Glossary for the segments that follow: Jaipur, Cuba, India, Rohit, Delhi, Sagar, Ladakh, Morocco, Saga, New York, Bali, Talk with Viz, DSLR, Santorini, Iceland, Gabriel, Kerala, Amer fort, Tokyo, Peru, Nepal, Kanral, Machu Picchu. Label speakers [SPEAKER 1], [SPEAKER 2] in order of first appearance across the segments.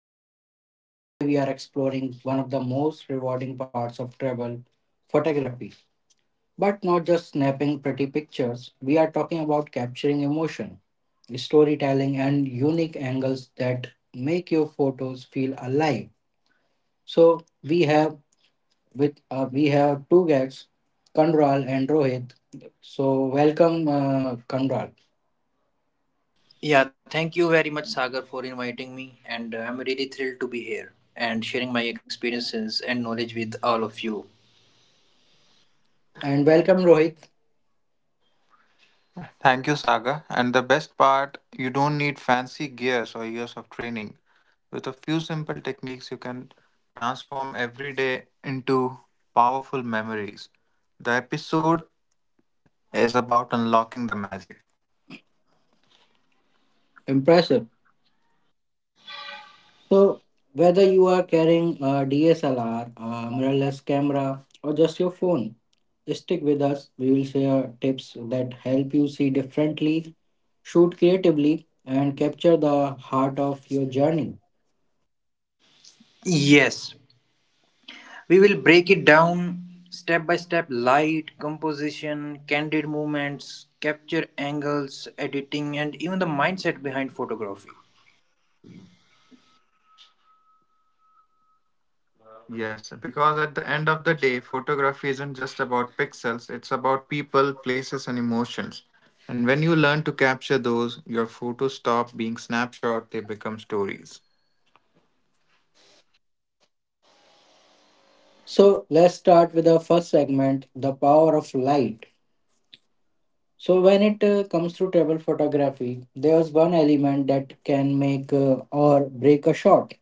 [SPEAKER 1] to Talk with Viz. Today we are exploring one of the most rewarding parts of travel photography. But not just snapping pretty pictures, we are talking about capturing emotion, storytelling, and unique angles that make your photos feel alive. So we have with we have two guests, Kanral and Rohit. So welcome Kanral
[SPEAKER 2] Yeah, thank you very much, Sagar, for inviting me. And I'm really thrilled to be here and sharing my experiences and knowledge with all of you.
[SPEAKER 1] and welcome Rohit.
[SPEAKER 3] Thank you, Saga. And the best part, you don't need fancy gears or years of training. With a few simple techniques, you can transform every day into powerful memories. The episode is about unlocking the magic.
[SPEAKER 1] Impressive. So, whether you are carrying a DSLR, a mirrorless camera, or just your phone, stick with us. We will share tips that help you see differently, shoot creatively, and capture the heart of your journey.
[SPEAKER 2] Yes, we will break it down step by step: light, composition, candid movements, capture angles, editing, and even the mindset behind photography.
[SPEAKER 3] Yes, because at the end of the day, photography isn't just about pixels, it's about people, places, and emotions. And when you learn to capture those, your photos stop being snapshots, they become stories.
[SPEAKER 1] So, let's start with the first segment, the power of light. So, when it comes to travel photography, there's one element that can make or break a shot,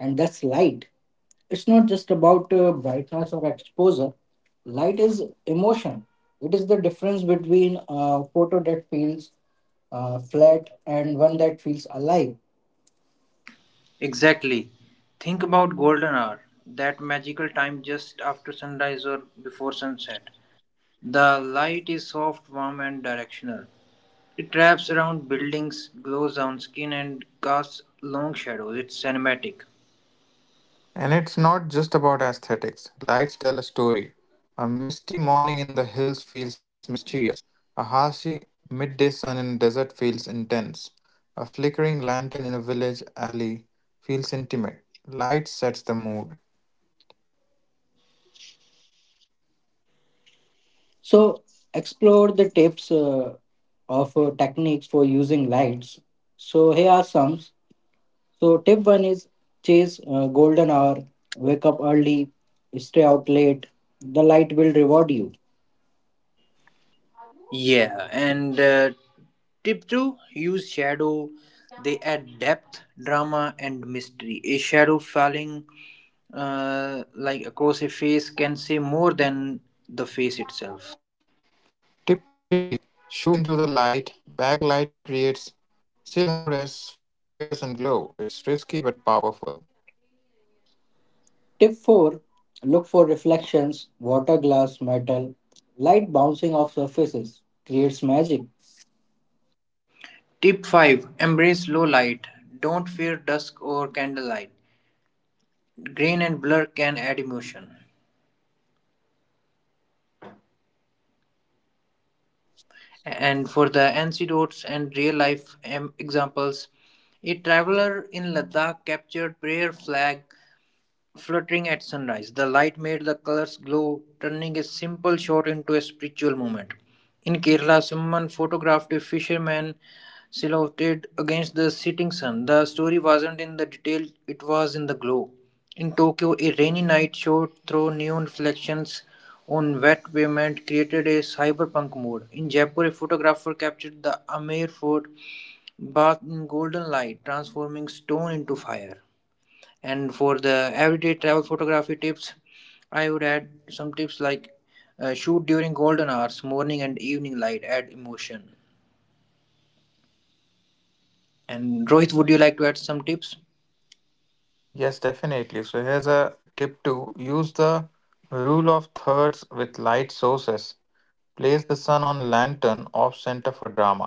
[SPEAKER 1] and that's light. It's not just about brightness or exposure. Light is emotion. It is the difference between a photo that feels flat and one that feels alive.
[SPEAKER 2] Exactly. Think about golden hour, that magical time just after sunrise or before sunset. The light is soft, warm, and directional. It wraps around buildings, glows on skin, and casts long shadows. It's cinematic.
[SPEAKER 3] And it's not just about aesthetics. Lights tell a story. A misty morning in the hills feels mysterious. A harshy midday sun in a desert feels intense. A flickering lantern in a village alley feels intimate. Light sets the mood.
[SPEAKER 1] So, explore the tips of techniques for using lights. So, here are some. So, tip one is chase golden hour, wake up early, stay out late. The light will reward you.
[SPEAKER 2] Yeah, and tip two: use shadow. They add depth, drama, and mystery. A shadow falling like across a face can say more than the face itself.
[SPEAKER 3] Tip 3, shoot into the light. Backlighting creates silhouettes, flares, and glow. It's risky but powerful.
[SPEAKER 1] Tip four, look for reflections, water, glass, metal. Light bouncing off surfaces creates magic.
[SPEAKER 2] Tip 5: embrace low light. Don't fear dusk or candlelight. Grain and blur can add emotion. And for the anecdotes and real life examples, a traveler in Ladakh captured prayer flag fluttering at sunrise. The light made the colors glow, turning a simple shot into a spiritual moment. In Kerala, someone photographed a fisherman silhouetted against the setting sun. The story wasn't in the detail, it was in the glow. In Tokyo, a rainy night shot through neon reflections on wet pavement created a cyberpunk mood. In Jaipur, a photographer captured the Amer Fort bathed in golden light, transforming stone into fire. And for the everyday travel photography tips, I would add some tips like shoot during golden hours, morning and evening light add emotion. And Rohit, would you like to add some tips?
[SPEAKER 3] Yes, definitely. So here's a tip two: use the rule of thirds with light sources. Place the sun on lantern off center for drama.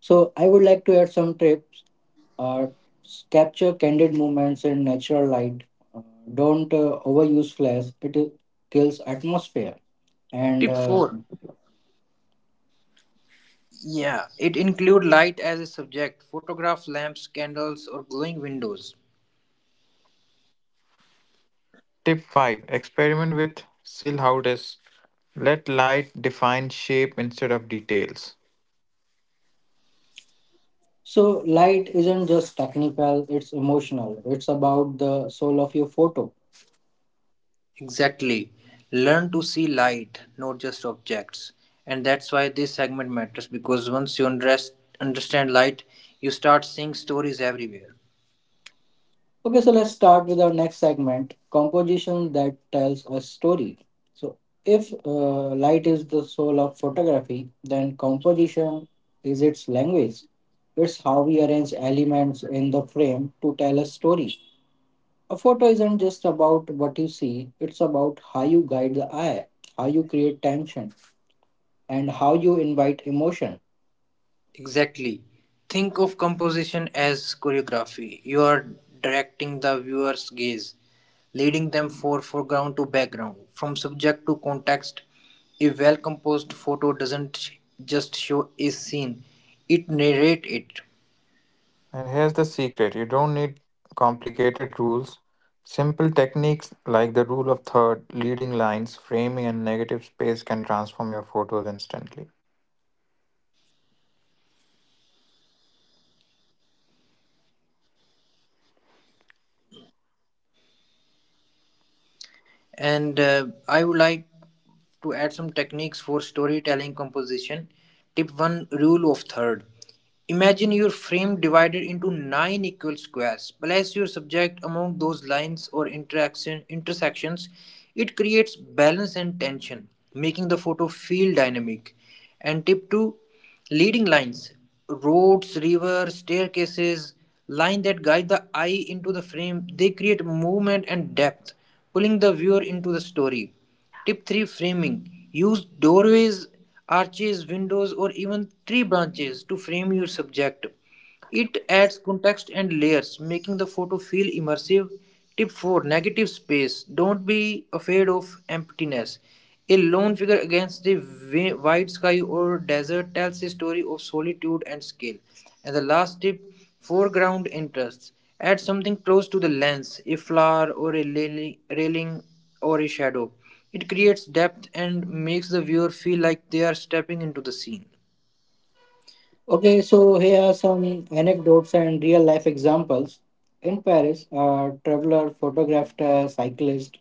[SPEAKER 1] So I would like to add some tips. Uh, Capture candid moments in natural light. Uh, don't overuse flash. It kills atmosphere. And
[SPEAKER 2] Tip 4. Yeah, it include light as a subject. Photograph lamps, candles or glowing windows.
[SPEAKER 3] Tip 5, experiment with silhouettes. Let light define shape instead of details.
[SPEAKER 1] so light isn't just technical. It's emotional. It's about the soul of your photo.
[SPEAKER 2] Exactly. Learn to see light, not just objects. And that's why this segment matters, because once you understand light, you start seeing stories everywhere.
[SPEAKER 1] Okay, so let's start with our next segment, composition that tells a story. So, if light is the soul of photography, then composition is its language. It's how we arrange elements in the frame to tell a story. A photo isn't just about what you see, it's about how you guide the eye, how you create tension, and how you invite emotion.
[SPEAKER 2] Exactly. Think of composition as choreography. You are directing the viewer's gaze, leading them from foreground to background, from subject to context. A well composed photo doesn't just show a scene, it narrates it.
[SPEAKER 3] And here's the secret, you don't need complicated rules. Simple techniques like the rule of third, leading lines, framing, and negative space can transform your photos instantly.
[SPEAKER 2] And I would like to add some techniques for storytelling composition. Tip 1: rule of third. Imagine your frame divided into nine equal squares. Place your subject among those lines or interaction intersections. It creates balance and tension, making the photo feel dynamic. And tip two, leading lines, roads, rivers, staircases, lines that guide the eye into the frame. They create movement and depth, pulling the viewer into the story. Tip 3: framing. Use doorways, arches, windows, or even tree branches to frame your subject. It adds context and layers, making the photo feel immersive. Tip 4: negative space. Don't be afraid of emptiness. A lone figure against the wide sky or desert tells a story of solitude and skill. And the last tip: foreground interests. Add something close to the lens, a flower or a railing or a shadow. It creates depth and makes the viewer feel like they are stepping into the scene.
[SPEAKER 1] Okay, so here are some anecdotes and real life examples. In Paris, a traveler photographed a cyclist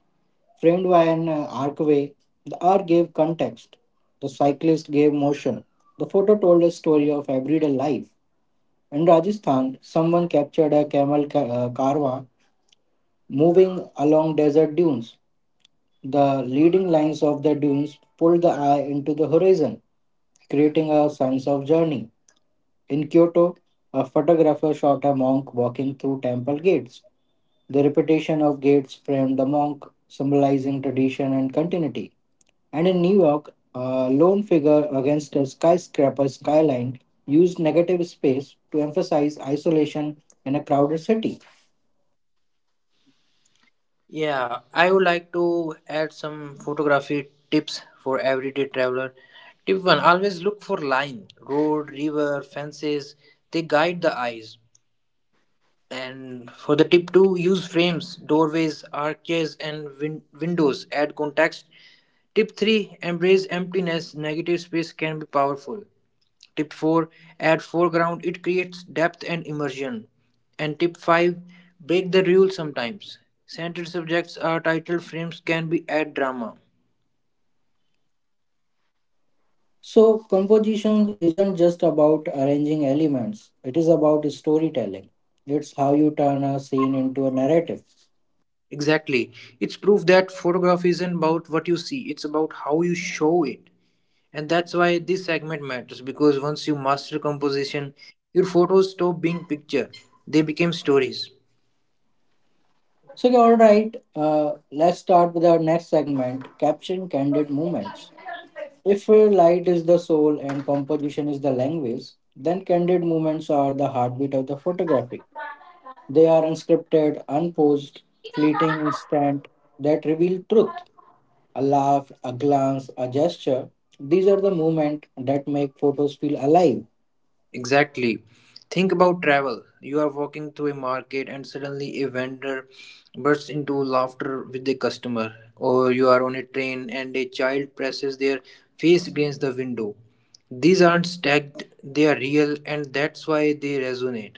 [SPEAKER 1] framed by an archway. The art gave context, the cyclist gave motion. The photo told a story of everyday life. In Rajasthan, someone captured a carva moving along desert dunes. The leading lines of the dunes pulled the eye into the horizon, creating a sense of journey. In Kyoto, a photographer shot a monk walking through temple gates. The repetition of gates framed the monk, symbolizing tradition and continuity. And in New York, a lone figure against a skyscraper skyline used negative space to emphasize isolation in a crowded city.
[SPEAKER 2] Yeah, I would like to add some photography tips for everyday traveler. Tip 1: always look for line, road, river, fences. They guide the eyes. And for the tip 2, use frames, doorways, arches, and windows. Add context. Tip 3: embrace emptiness. Negative space can be powerful. Tip 4: add foreground, it creates depth and immersion. And tip 5: break the rule sometimes. Centered subjects are title frames can be add drama.
[SPEAKER 1] So, composition isn't just about arranging elements, it is about storytelling. It's how you turn a scene into a narrative.
[SPEAKER 2] Exactly. It's proof that photograph isn't about what you see, it's about how you show it. And that's why this segment matters, because once you master composition, your photos stop being picture, they become stories.
[SPEAKER 1] So, okay, all right, let's start with our next segment, caption candid moments. If light is the soul and composition is the language, then candid moments are the heartbeat of the photography. They are unscripted, unposed, fleeting, instant, that reveal truth. A laugh, a glance, a gesture. These are the moments that make photos feel alive.
[SPEAKER 2] Exactly. Think about travel. You are walking through a market and suddenly a vendor bursts into laughter with the customer, or you are on a train and a child presses their face against the window. These aren't stacked, they are real, and that's why they resonate.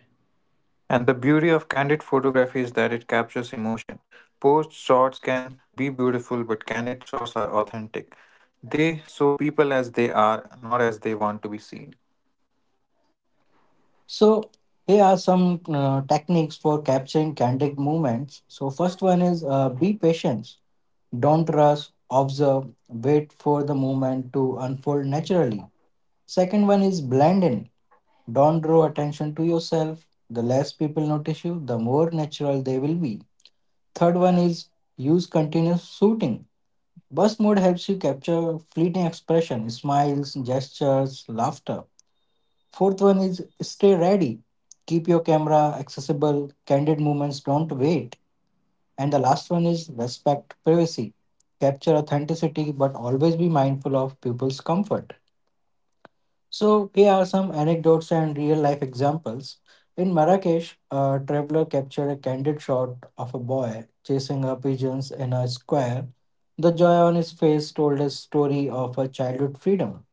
[SPEAKER 3] And the beauty of candid photography is that it captures emotion. Post shots can be beautiful, but candid shots are authentic. They show people as they are, not as they want to be seen.
[SPEAKER 1] So, here are some techniques for capturing candid moments. So, first one is be patient. Don't rush, observe, wait for the moment to unfold naturally. Second one is blend in. Don't draw attention to yourself. The less people notice you, the more natural they will be. Third one is use continuous shooting. Burst mode helps you capture fleeting expression, smiles, gestures, laughter. Fourth one is stay ready. Keep your camera accessible. Candid moments don't wait. And the last one is respect privacy. Capture authenticity, but always be mindful of people's comfort. So, here are some anecdotes and real life examples. In Marrakesh, a traveler captured a candid shot of a boy chasing a pigeons in a square. The joy on his face told a story of a childhood freedom.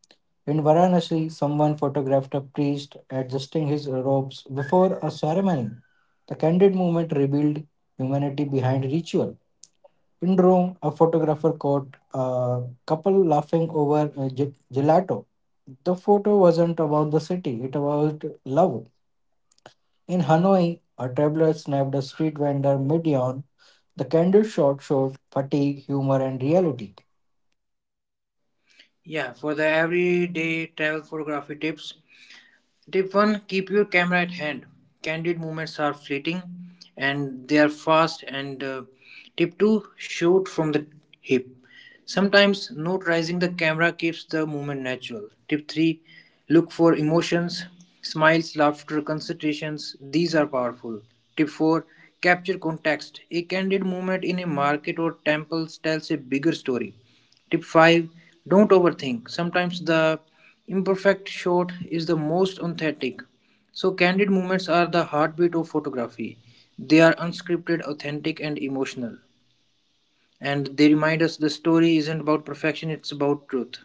[SPEAKER 1] In Varanasi, someone photographed a priest adjusting his robes before a ceremony. The candid moment revealed humanity behind ritual. In Rome, a photographer caught a couple laughing over a gelato. The photo wasn't about the city, it was about love. In Hanoi, a traveler snapped a street vendor mid yawn. The candid shot showed fatigue, humor, and reality.
[SPEAKER 2] Yeah, for the everyday travel photography tips, tip 1: keep your camera at hand. Candid moments are fleeting and they are fast. And tip 2: shoot from the hip. Sometimes not raising the camera keeps the movement natural. Tip 3: look for emotions, smiles, laughter, concentrations. These are powerful. Tip 4: capture context. A candid moment in a market or temple tells a bigger story. Tip 5: don't overthink. Sometimes the imperfect shot is the most authentic. So, candid moments are the heartbeat of photography. They are unscripted, authentic, and emotional. And they remind us the story isn't about perfection, it's about truth.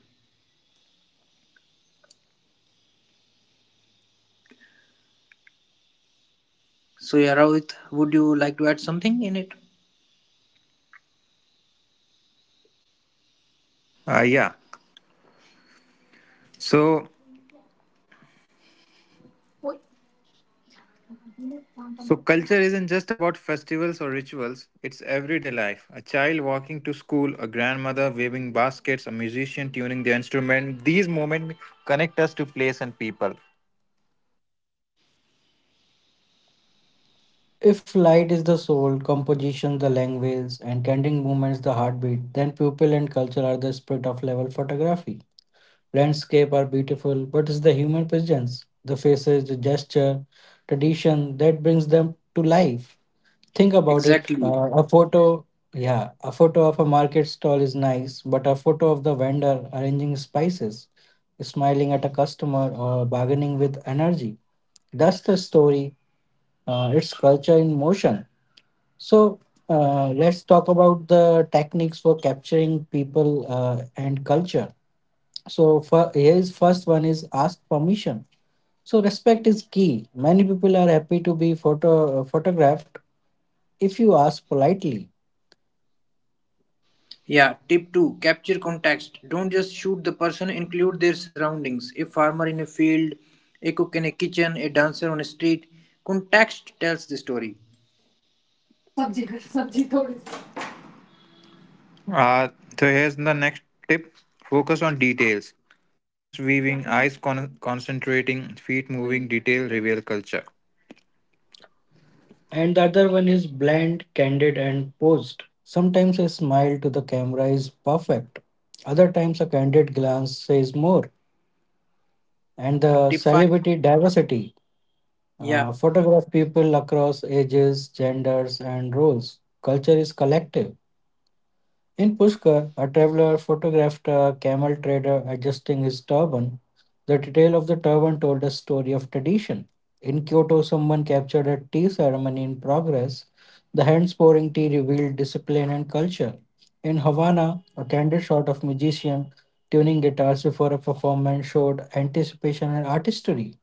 [SPEAKER 2] So, yeah, Rohit, would you like to add something in it?
[SPEAKER 3] Yeah. So, so culture isn't just about festivals or rituals. It's everyday life. A child walking to school, a grandmother waving baskets, a musician tuning their instrument. These moments connect us to place and people.
[SPEAKER 1] If light is the soul, composition the language, and candid movements the heartbeat, then pupil and culture are the spirit of level photography. Landscape are beautiful, but it's the human presence, the faces, the gesture, tradition that brings them to life. Think about it.
[SPEAKER 2] Exactly.
[SPEAKER 1] Yeah, a photo of a market stall is nice, but a photo of the vendor arranging spices, smiling at a customer, or bargaining with energy. That's the story. It's culture in motion. So let's talk about the techniques for capturing people and culture. So for his first one is ask permission. So respect is key. Many people are happy to be photographed if you ask politely.
[SPEAKER 2] Yeah, tip 2: capture context. Don't just shoot the person, include their surroundings. A farmer in a field, a cook in a kitchen, a dancer on a street. Context tells the story.
[SPEAKER 3] Uh, so here's the next tip, focus on details. Hands weaving, eyes concentrating, feet moving, detail reveal culture.
[SPEAKER 1] And the other one is bland, candid, and posed. Sometimes a smile to the camera is perfect. Other times a candid glance says more. And the
[SPEAKER 2] Tip 5.
[SPEAKER 1] celebrity diversity.
[SPEAKER 2] Yeah,
[SPEAKER 1] Photograph people across ages, genders, and roles. Culture is collective. In Pushkar, a traveler photographed a camel trader adjusting his turban. The detail of the turban told a story of tradition. In Kyoto, someone captured a tea ceremony in progress. The hands pouring tea revealed discipline and culture. In Havana, a candid shot of musician tuning guitars before a performance showed anticipation and artistry.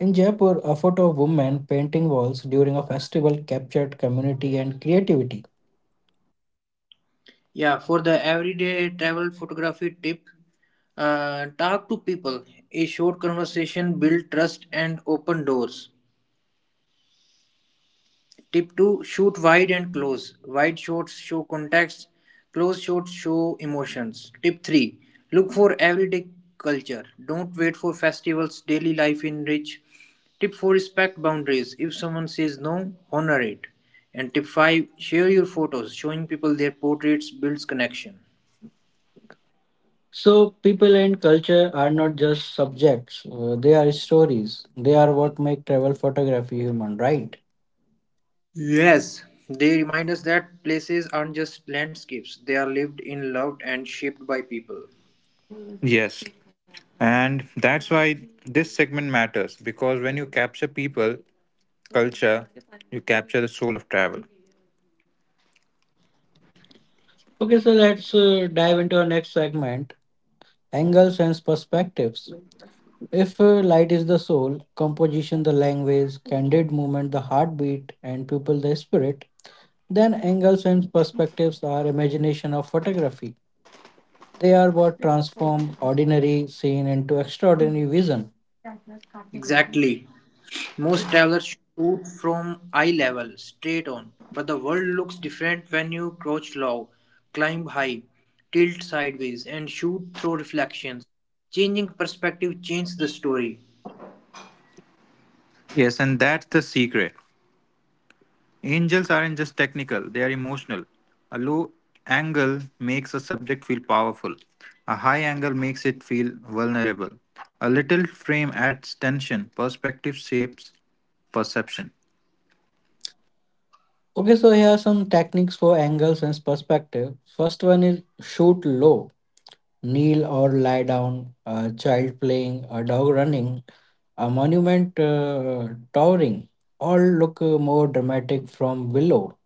[SPEAKER 1] In Jaipur, a photo of women painting walls during a festival captured community and creativity.
[SPEAKER 2] yeah, for the everyday travel photography tip, talk to people. A short conversation build trust and open doors. Tip two: shoot wide and close. Wide shots show context, close shots show emotions. Tip three: look for everyday culture. Don't wait for festivals. Daily life enrich. Tip four: respect boundaries. If someone says no, honor it. And tip five: share your photos. Showing people their portraits builds connection.
[SPEAKER 1] So, people and culture are not just subjects, they are stories. They are what make travel photography human, right?
[SPEAKER 2] Yes, they remind us that places aren't just landscapes, they are lived in, loved, and shaped by people.
[SPEAKER 3] Yes. And that's why this segment matters because when you capture people, culture, you capture the soul of travel.
[SPEAKER 1] Okay, so let's dive into our next segment, angles and perspectives. If light is the soul, composition the language, candid movement the heartbeat, and people the spirit, then angles and perspectives are imagination of photography. They are what transform ordinary scene into extraordinary vision.
[SPEAKER 2] Exactly. Most travelers shoot from eye level, straight on, but the world looks different when you crouch low, climb high, tilt sideways, and shoot through reflections. Changing perspective changes the story.
[SPEAKER 3] Yes, and that's the secret. Angels aren't just technical, they are emotional. A low angle makes a subject feel powerful. A high angle makes it feel vulnerable. A little frame adds tension. Perspective shapes perception.
[SPEAKER 1] Okay, so here are some techniques for angles and perspective. First one is shoot low, kneel or lie down, a child playing, a dog running, a monument towering, all look more dramatic from below.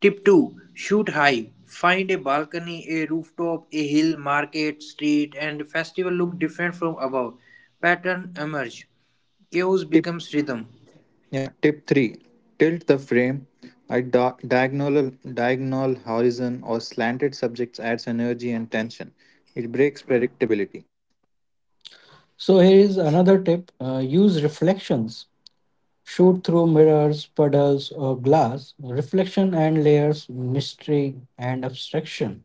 [SPEAKER 2] Tip 2: shoot high. Find a balcony, a rooftop, a hill, market, street, and festival look different from above. Pattern emerge. Chaos
[SPEAKER 3] Tip
[SPEAKER 2] becomes rhythm.
[SPEAKER 3] yeah, tip 3. Tilt the frame. A diagonal horizon or slanted subjects adds energy and tension. It breaks predictability.
[SPEAKER 1] So here is another tip: use reflections. Shoot through mirrors, puddles, or glass. Reflection and layers mystery and abstraction.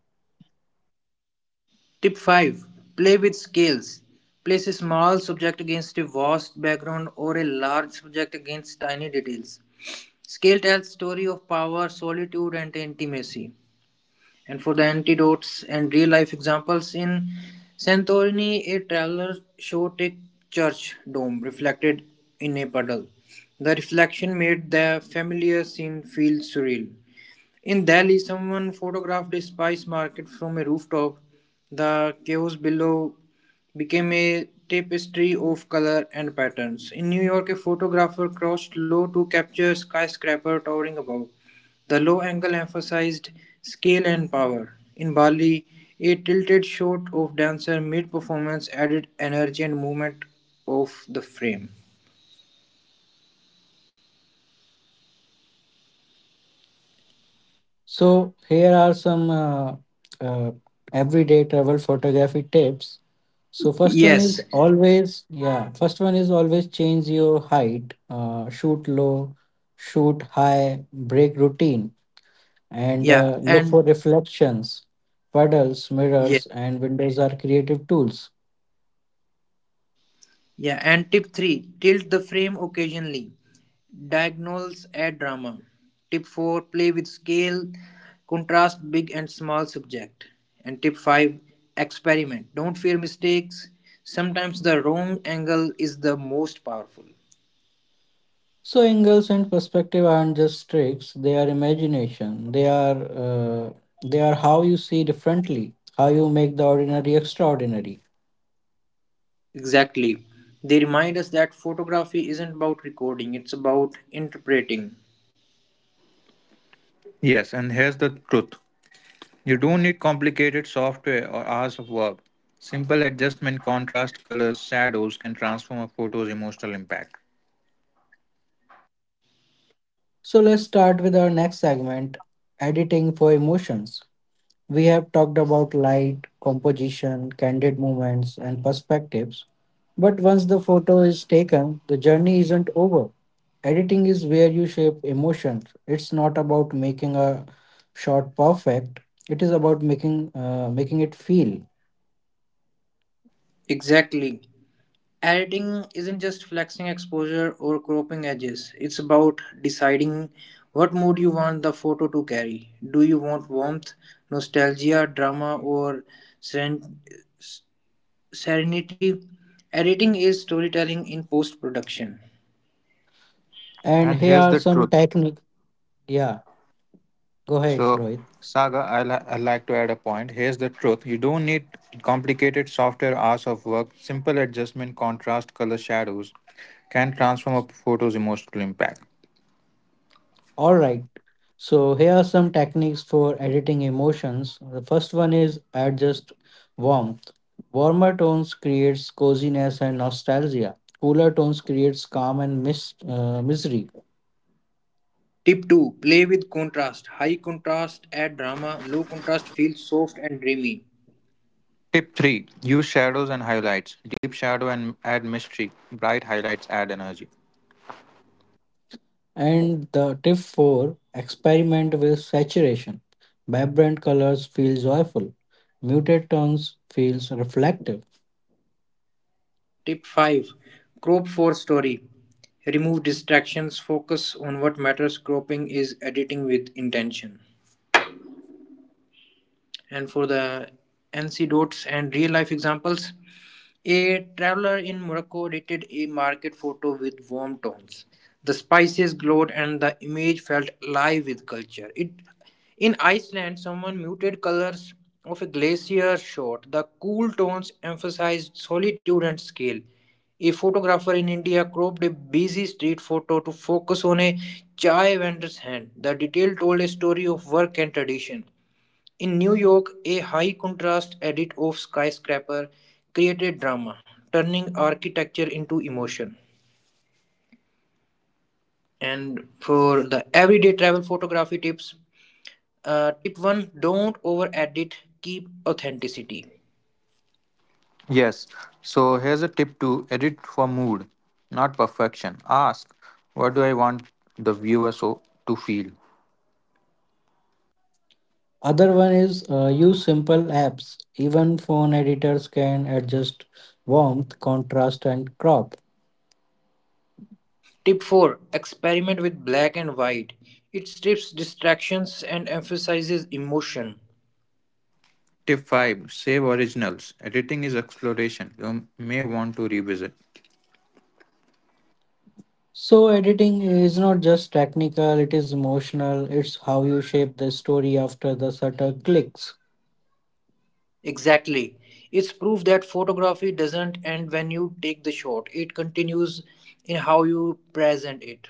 [SPEAKER 2] Tip five: play with scales. Place a small subject against a vast background or a large subject against tiny details. Scale tells story of power, solitude, and intimacy. And for the antidotes and real life examples, in Santorini, a traveler showed a church dome reflected in a puddle. The reflection made the familiar scene feel surreal. In Delhi, someone photographed a spice market from a rooftop. The chaos below became a tapestry of color and patterns. In New York, a photographer crossed low to capture skyscraper towering above. The low angle emphasized scale and power. In Bali, a tilted shot of dancer mid-performance added energy and movement of the frame.
[SPEAKER 1] So here are some uh, everyday travel photography tips. So first one is
[SPEAKER 2] Yes,
[SPEAKER 1] always yeah. First one is always change your height. Shoot low, shoot high. Break routine and
[SPEAKER 2] yeah,
[SPEAKER 1] uh, look for
[SPEAKER 2] and
[SPEAKER 1] reflections. Puddles,
[SPEAKER 2] yes.
[SPEAKER 1] mirrors, and windows are creative tools.
[SPEAKER 2] Yeah, and tip three, tilt the frame occasionally. Diagonals add drama. Tip four, play with scale, contrast big and small subject. And tip five, experiment. Don't fear mistakes. Sometimes the wrong angle is the most powerful.
[SPEAKER 1] So angles and perspective aren't just tricks. They are imagination. Uh, they are how you see differently. How you make the ordinary extraordinary.
[SPEAKER 2] Exactly. They remind us that photography isn't about recording, it's about interpreting.
[SPEAKER 3] Yes, and here's the truth. You don't need complicated software or hours of work. Simple adjustment, contrast, colors, shadows can transform a photo's emotional impact.
[SPEAKER 1] So let's start with our next segment, editing for emotions. We have talked about light, composition, candid movements, and perspectives. But once the photo is taken, the journey isn't over. Editing is where you shape emotions. It's not about making a shot perfect, it is about making it feel.
[SPEAKER 2] Exactly. Editing isn't just flexing exposure or cropping edges, it's about deciding what mood you want the photo to carry. Do you want warmth, nostalgia, drama, or seren- s- serenity? Editing is storytelling in post production.
[SPEAKER 1] And
[SPEAKER 3] And
[SPEAKER 1] here
[SPEAKER 3] here's
[SPEAKER 1] are
[SPEAKER 3] the
[SPEAKER 1] some
[SPEAKER 3] truth.
[SPEAKER 1] techniques. Yeah, go ahead,
[SPEAKER 3] So,
[SPEAKER 1] Rohit.
[SPEAKER 3] Saga, I like to add a point. Here's the truth. You don't need complicated software, hours of work. Simple adjustment, contrast, color, shadows can transform a photo's emotional impact.
[SPEAKER 1] All right. So here are some techniques for editing emotions. The first one is adjust warmth. Warmer tones creates coziness and nostalgia. Cooler tones creates calm and misery.
[SPEAKER 2] Tip 2: play with contrast. High contrast add drama, low contrast feels soft and dreamy.
[SPEAKER 3] Tip 3, use shadows and highlights. Deep shadow and add mystery, bright highlights add energy.
[SPEAKER 1] And the tip four: experiment with saturation. Vibrant colors feel joyful. Muted tones feels reflective.
[SPEAKER 2] Tip 5: crop for story. Remove distractions, focus on what matters. Cropping is editing with intention. And for the anecdotes and real life examples, a traveler in Morocco rated a market photo with warm tones. The spices glowed and the image felt alive with culture. It, in Iceland, someone muted colors of a glacier shot. The cool tones emphasized solitude and scale. A photographer in India cropped a busy street photo to focus on a chai vendor's hand. The detail told a story of work and tradition. In New York, a high contrast edit of skyscraper created drama, turning architecture into emotion. And for the everyday travel photography tips, tip 1: don't over edit, keep authenticity.
[SPEAKER 3] Yes. So here's a tip to edit for mood, not perfection. Ask, what do I want the viewer to feel?
[SPEAKER 1] Other one is use simple apps. Even phone editors can adjust warmth, contrast, and crop.
[SPEAKER 2] Tip 4: experiment with black and white. It strips distractions and emphasizes emotion.
[SPEAKER 3] Tip 5, save originals. Editing is exploration. You may want to revisit.
[SPEAKER 1] So, editing is not just technical, it is emotional. It's how you shape the story after the shutter clicks.
[SPEAKER 2] Exactly. It's proof that photography doesn't end when you take the shot, it continues in how you present it.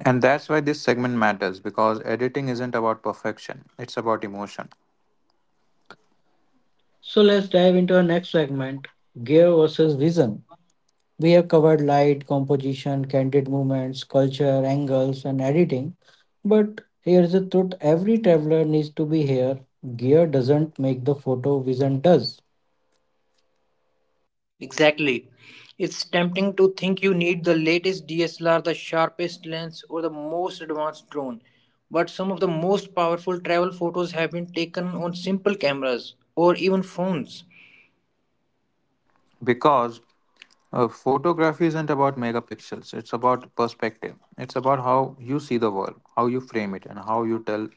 [SPEAKER 3] And that's why this segment matters because editing isn't about perfection, it's about emotion.
[SPEAKER 1] So, let's dive into our next segment, gear versus vision. We have covered light, composition, candid movements, culture, angles, and editing. But here's the truth every traveler needs to be here. Gear doesn't make the photo, vision does.
[SPEAKER 2] Exactly. It's tempting to think you need the latest DSLR, the sharpest lens, or the most advanced drone. But some of the most powerful travel photos have been taken on simple cameras or even phones.
[SPEAKER 3] Because photography isn't about megapixels, it's about perspective. It's about how you see the world, how you frame it, and how you tell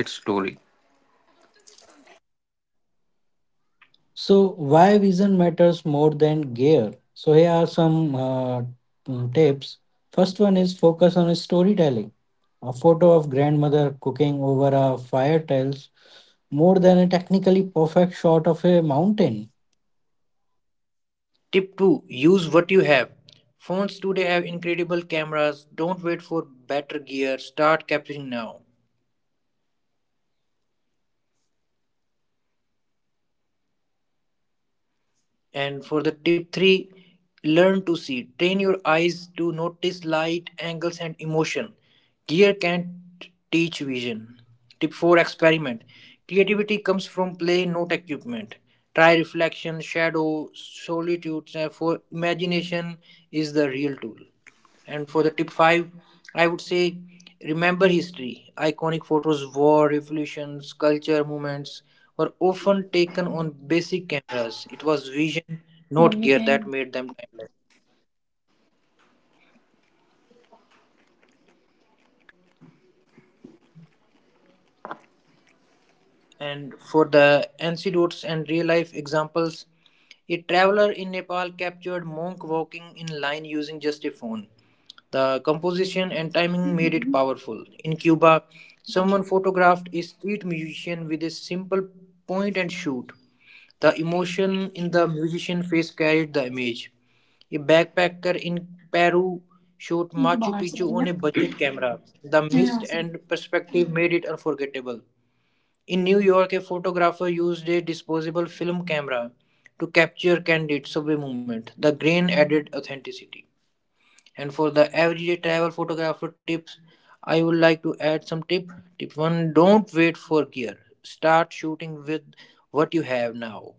[SPEAKER 3] its story.
[SPEAKER 1] So, why vision matters more than gear? So, here are some tips. First one is focus on storytelling. A photo of grandmother cooking over a fire tells more than a technically perfect shot of a mountain.
[SPEAKER 2] Tip 2: use what you have. Phones today have incredible cameras. Don't wait for better gear. Start capturing now. And for the tip three, learn to see. Train your eyes to notice light, angles, and emotion. Gear can't teach vision. Tip four, experiment. Creativity comes from play, not equipment. Try reflection, shadow, solitude. For imagination is the real tool. And for the tip five, I would say remember history. Iconic photos, war, revolutions, culture movements were often taken on basic cameras. It was vision, not
[SPEAKER 3] Mummy
[SPEAKER 2] gear, that
[SPEAKER 3] can.
[SPEAKER 2] made them timeless. And for the anecdotes and real life examples, a traveler in Nepal captured monk walking in line using just a phone. The composition and timing made it powerful. In Cuba, someone photographed a street musician with a simple point and shoot. The emotion in the musician's face carried the image. A backpacker in Peru shot Machu
[SPEAKER 3] Yes,
[SPEAKER 2] Picchu on a budget camera. The mist and perspective made it unforgettable. In New York, a photographer used a disposable film camera to capture candid subway movement. The grain added authenticity. And for the everyday travel photographer tips, I would like to add some tip. Tip 1: don't wait for gear. Start shooting with what you have now.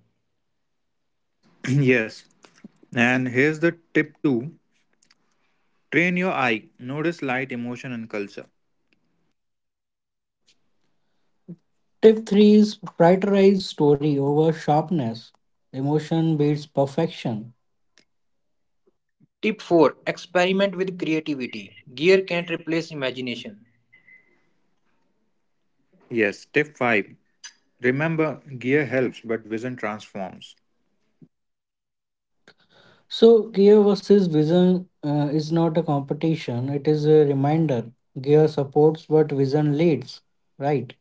[SPEAKER 3] yes. And here's the tip two, train your eye, notice light, emotion, and culture.
[SPEAKER 1] Tip 3 is prioritize story over sharpness. Emotion beats perfection.
[SPEAKER 2] Tip 4: experiment with creativity. Gear can't replace imagination.
[SPEAKER 3] Yes, tip five, remember gear helps, but vision transforms.
[SPEAKER 1] So, gear versus vision is not a competition, it is a reminder. Gear supports, but vision leads, right?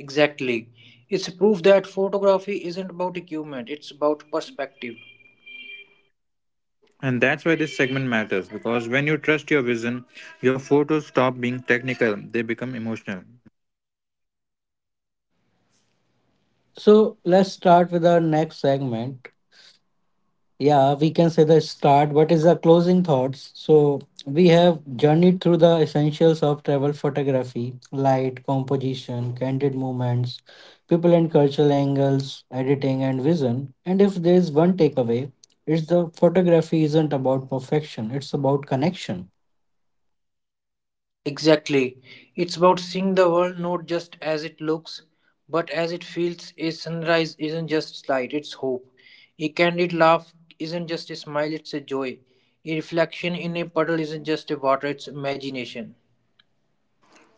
[SPEAKER 2] Exactly. It's proof that photography isn't about equipment, it's about perspective.
[SPEAKER 3] And that's why this segment matters because when you trust your vision, your photos stop being technical, they become emotional.
[SPEAKER 1] So let's start with our next segment. Yeah, we can say the start, what is the closing thoughts. So we have journeyed through the essentials of travel photography, light, composition, candid movements, people and cultural angles, editing and vision. And if there is one takeaway, it's the photography isn't about perfection, it's about connection.
[SPEAKER 2] Exactly. It's about seeing the world not just as it looks, but as it feels. A sunrise isn't just light, it's hope. A candid laugh isn't just a smile, it's a joy. A reflection in a puddle isn't just a water, it's imagination.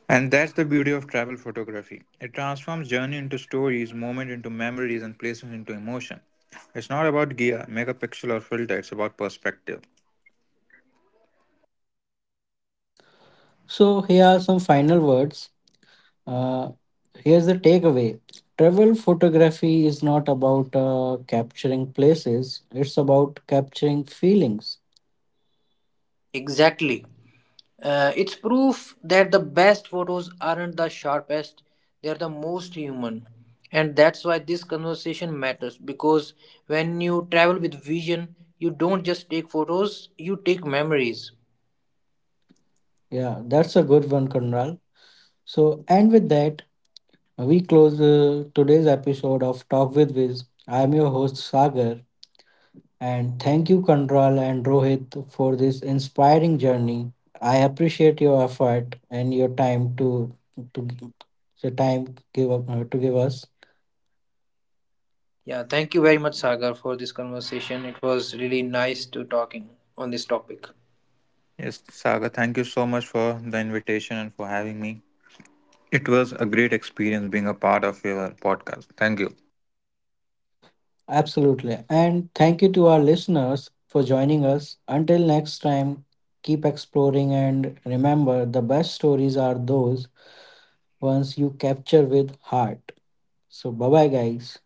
[SPEAKER 3] And that's the beauty of travel photography. It transforms journey into stories, moment into memories, and places into emotion. It's not about gear, megapixel, or filter, it's about perspective.
[SPEAKER 1] So here are some final words. Uh, Here's the takeaway, travel photography is not about capturing places, it's about capturing feelings.
[SPEAKER 2] Exactly. It's proof that the best photos aren't the sharpest, they're the most human. And that's why this conversation matters, because when you travel with vision, you don't just take photos, you take memories.
[SPEAKER 1] Yeah, that's a good one, Kunral. So, and with that, we close today's episode of Talk with Viz. I'm your host, Sagar, and thank you, Kunral and Rohit, for this inspiring journey. I appreciate your effort and your time to the time give up to give us.
[SPEAKER 2] Yeah, thank you very much, Sagar, for this conversation. It was really nice to talking on this topic.
[SPEAKER 3] Yes, Saga, thank you so much for the invitation and for having me. It was a great experience being a part of your podcast. Thank you.
[SPEAKER 1] Absolutely. And thank you to our listeners for joining us. Until next time, keep exploring and remember the best stories are those ones you capture with heart. So, bye bye, guys.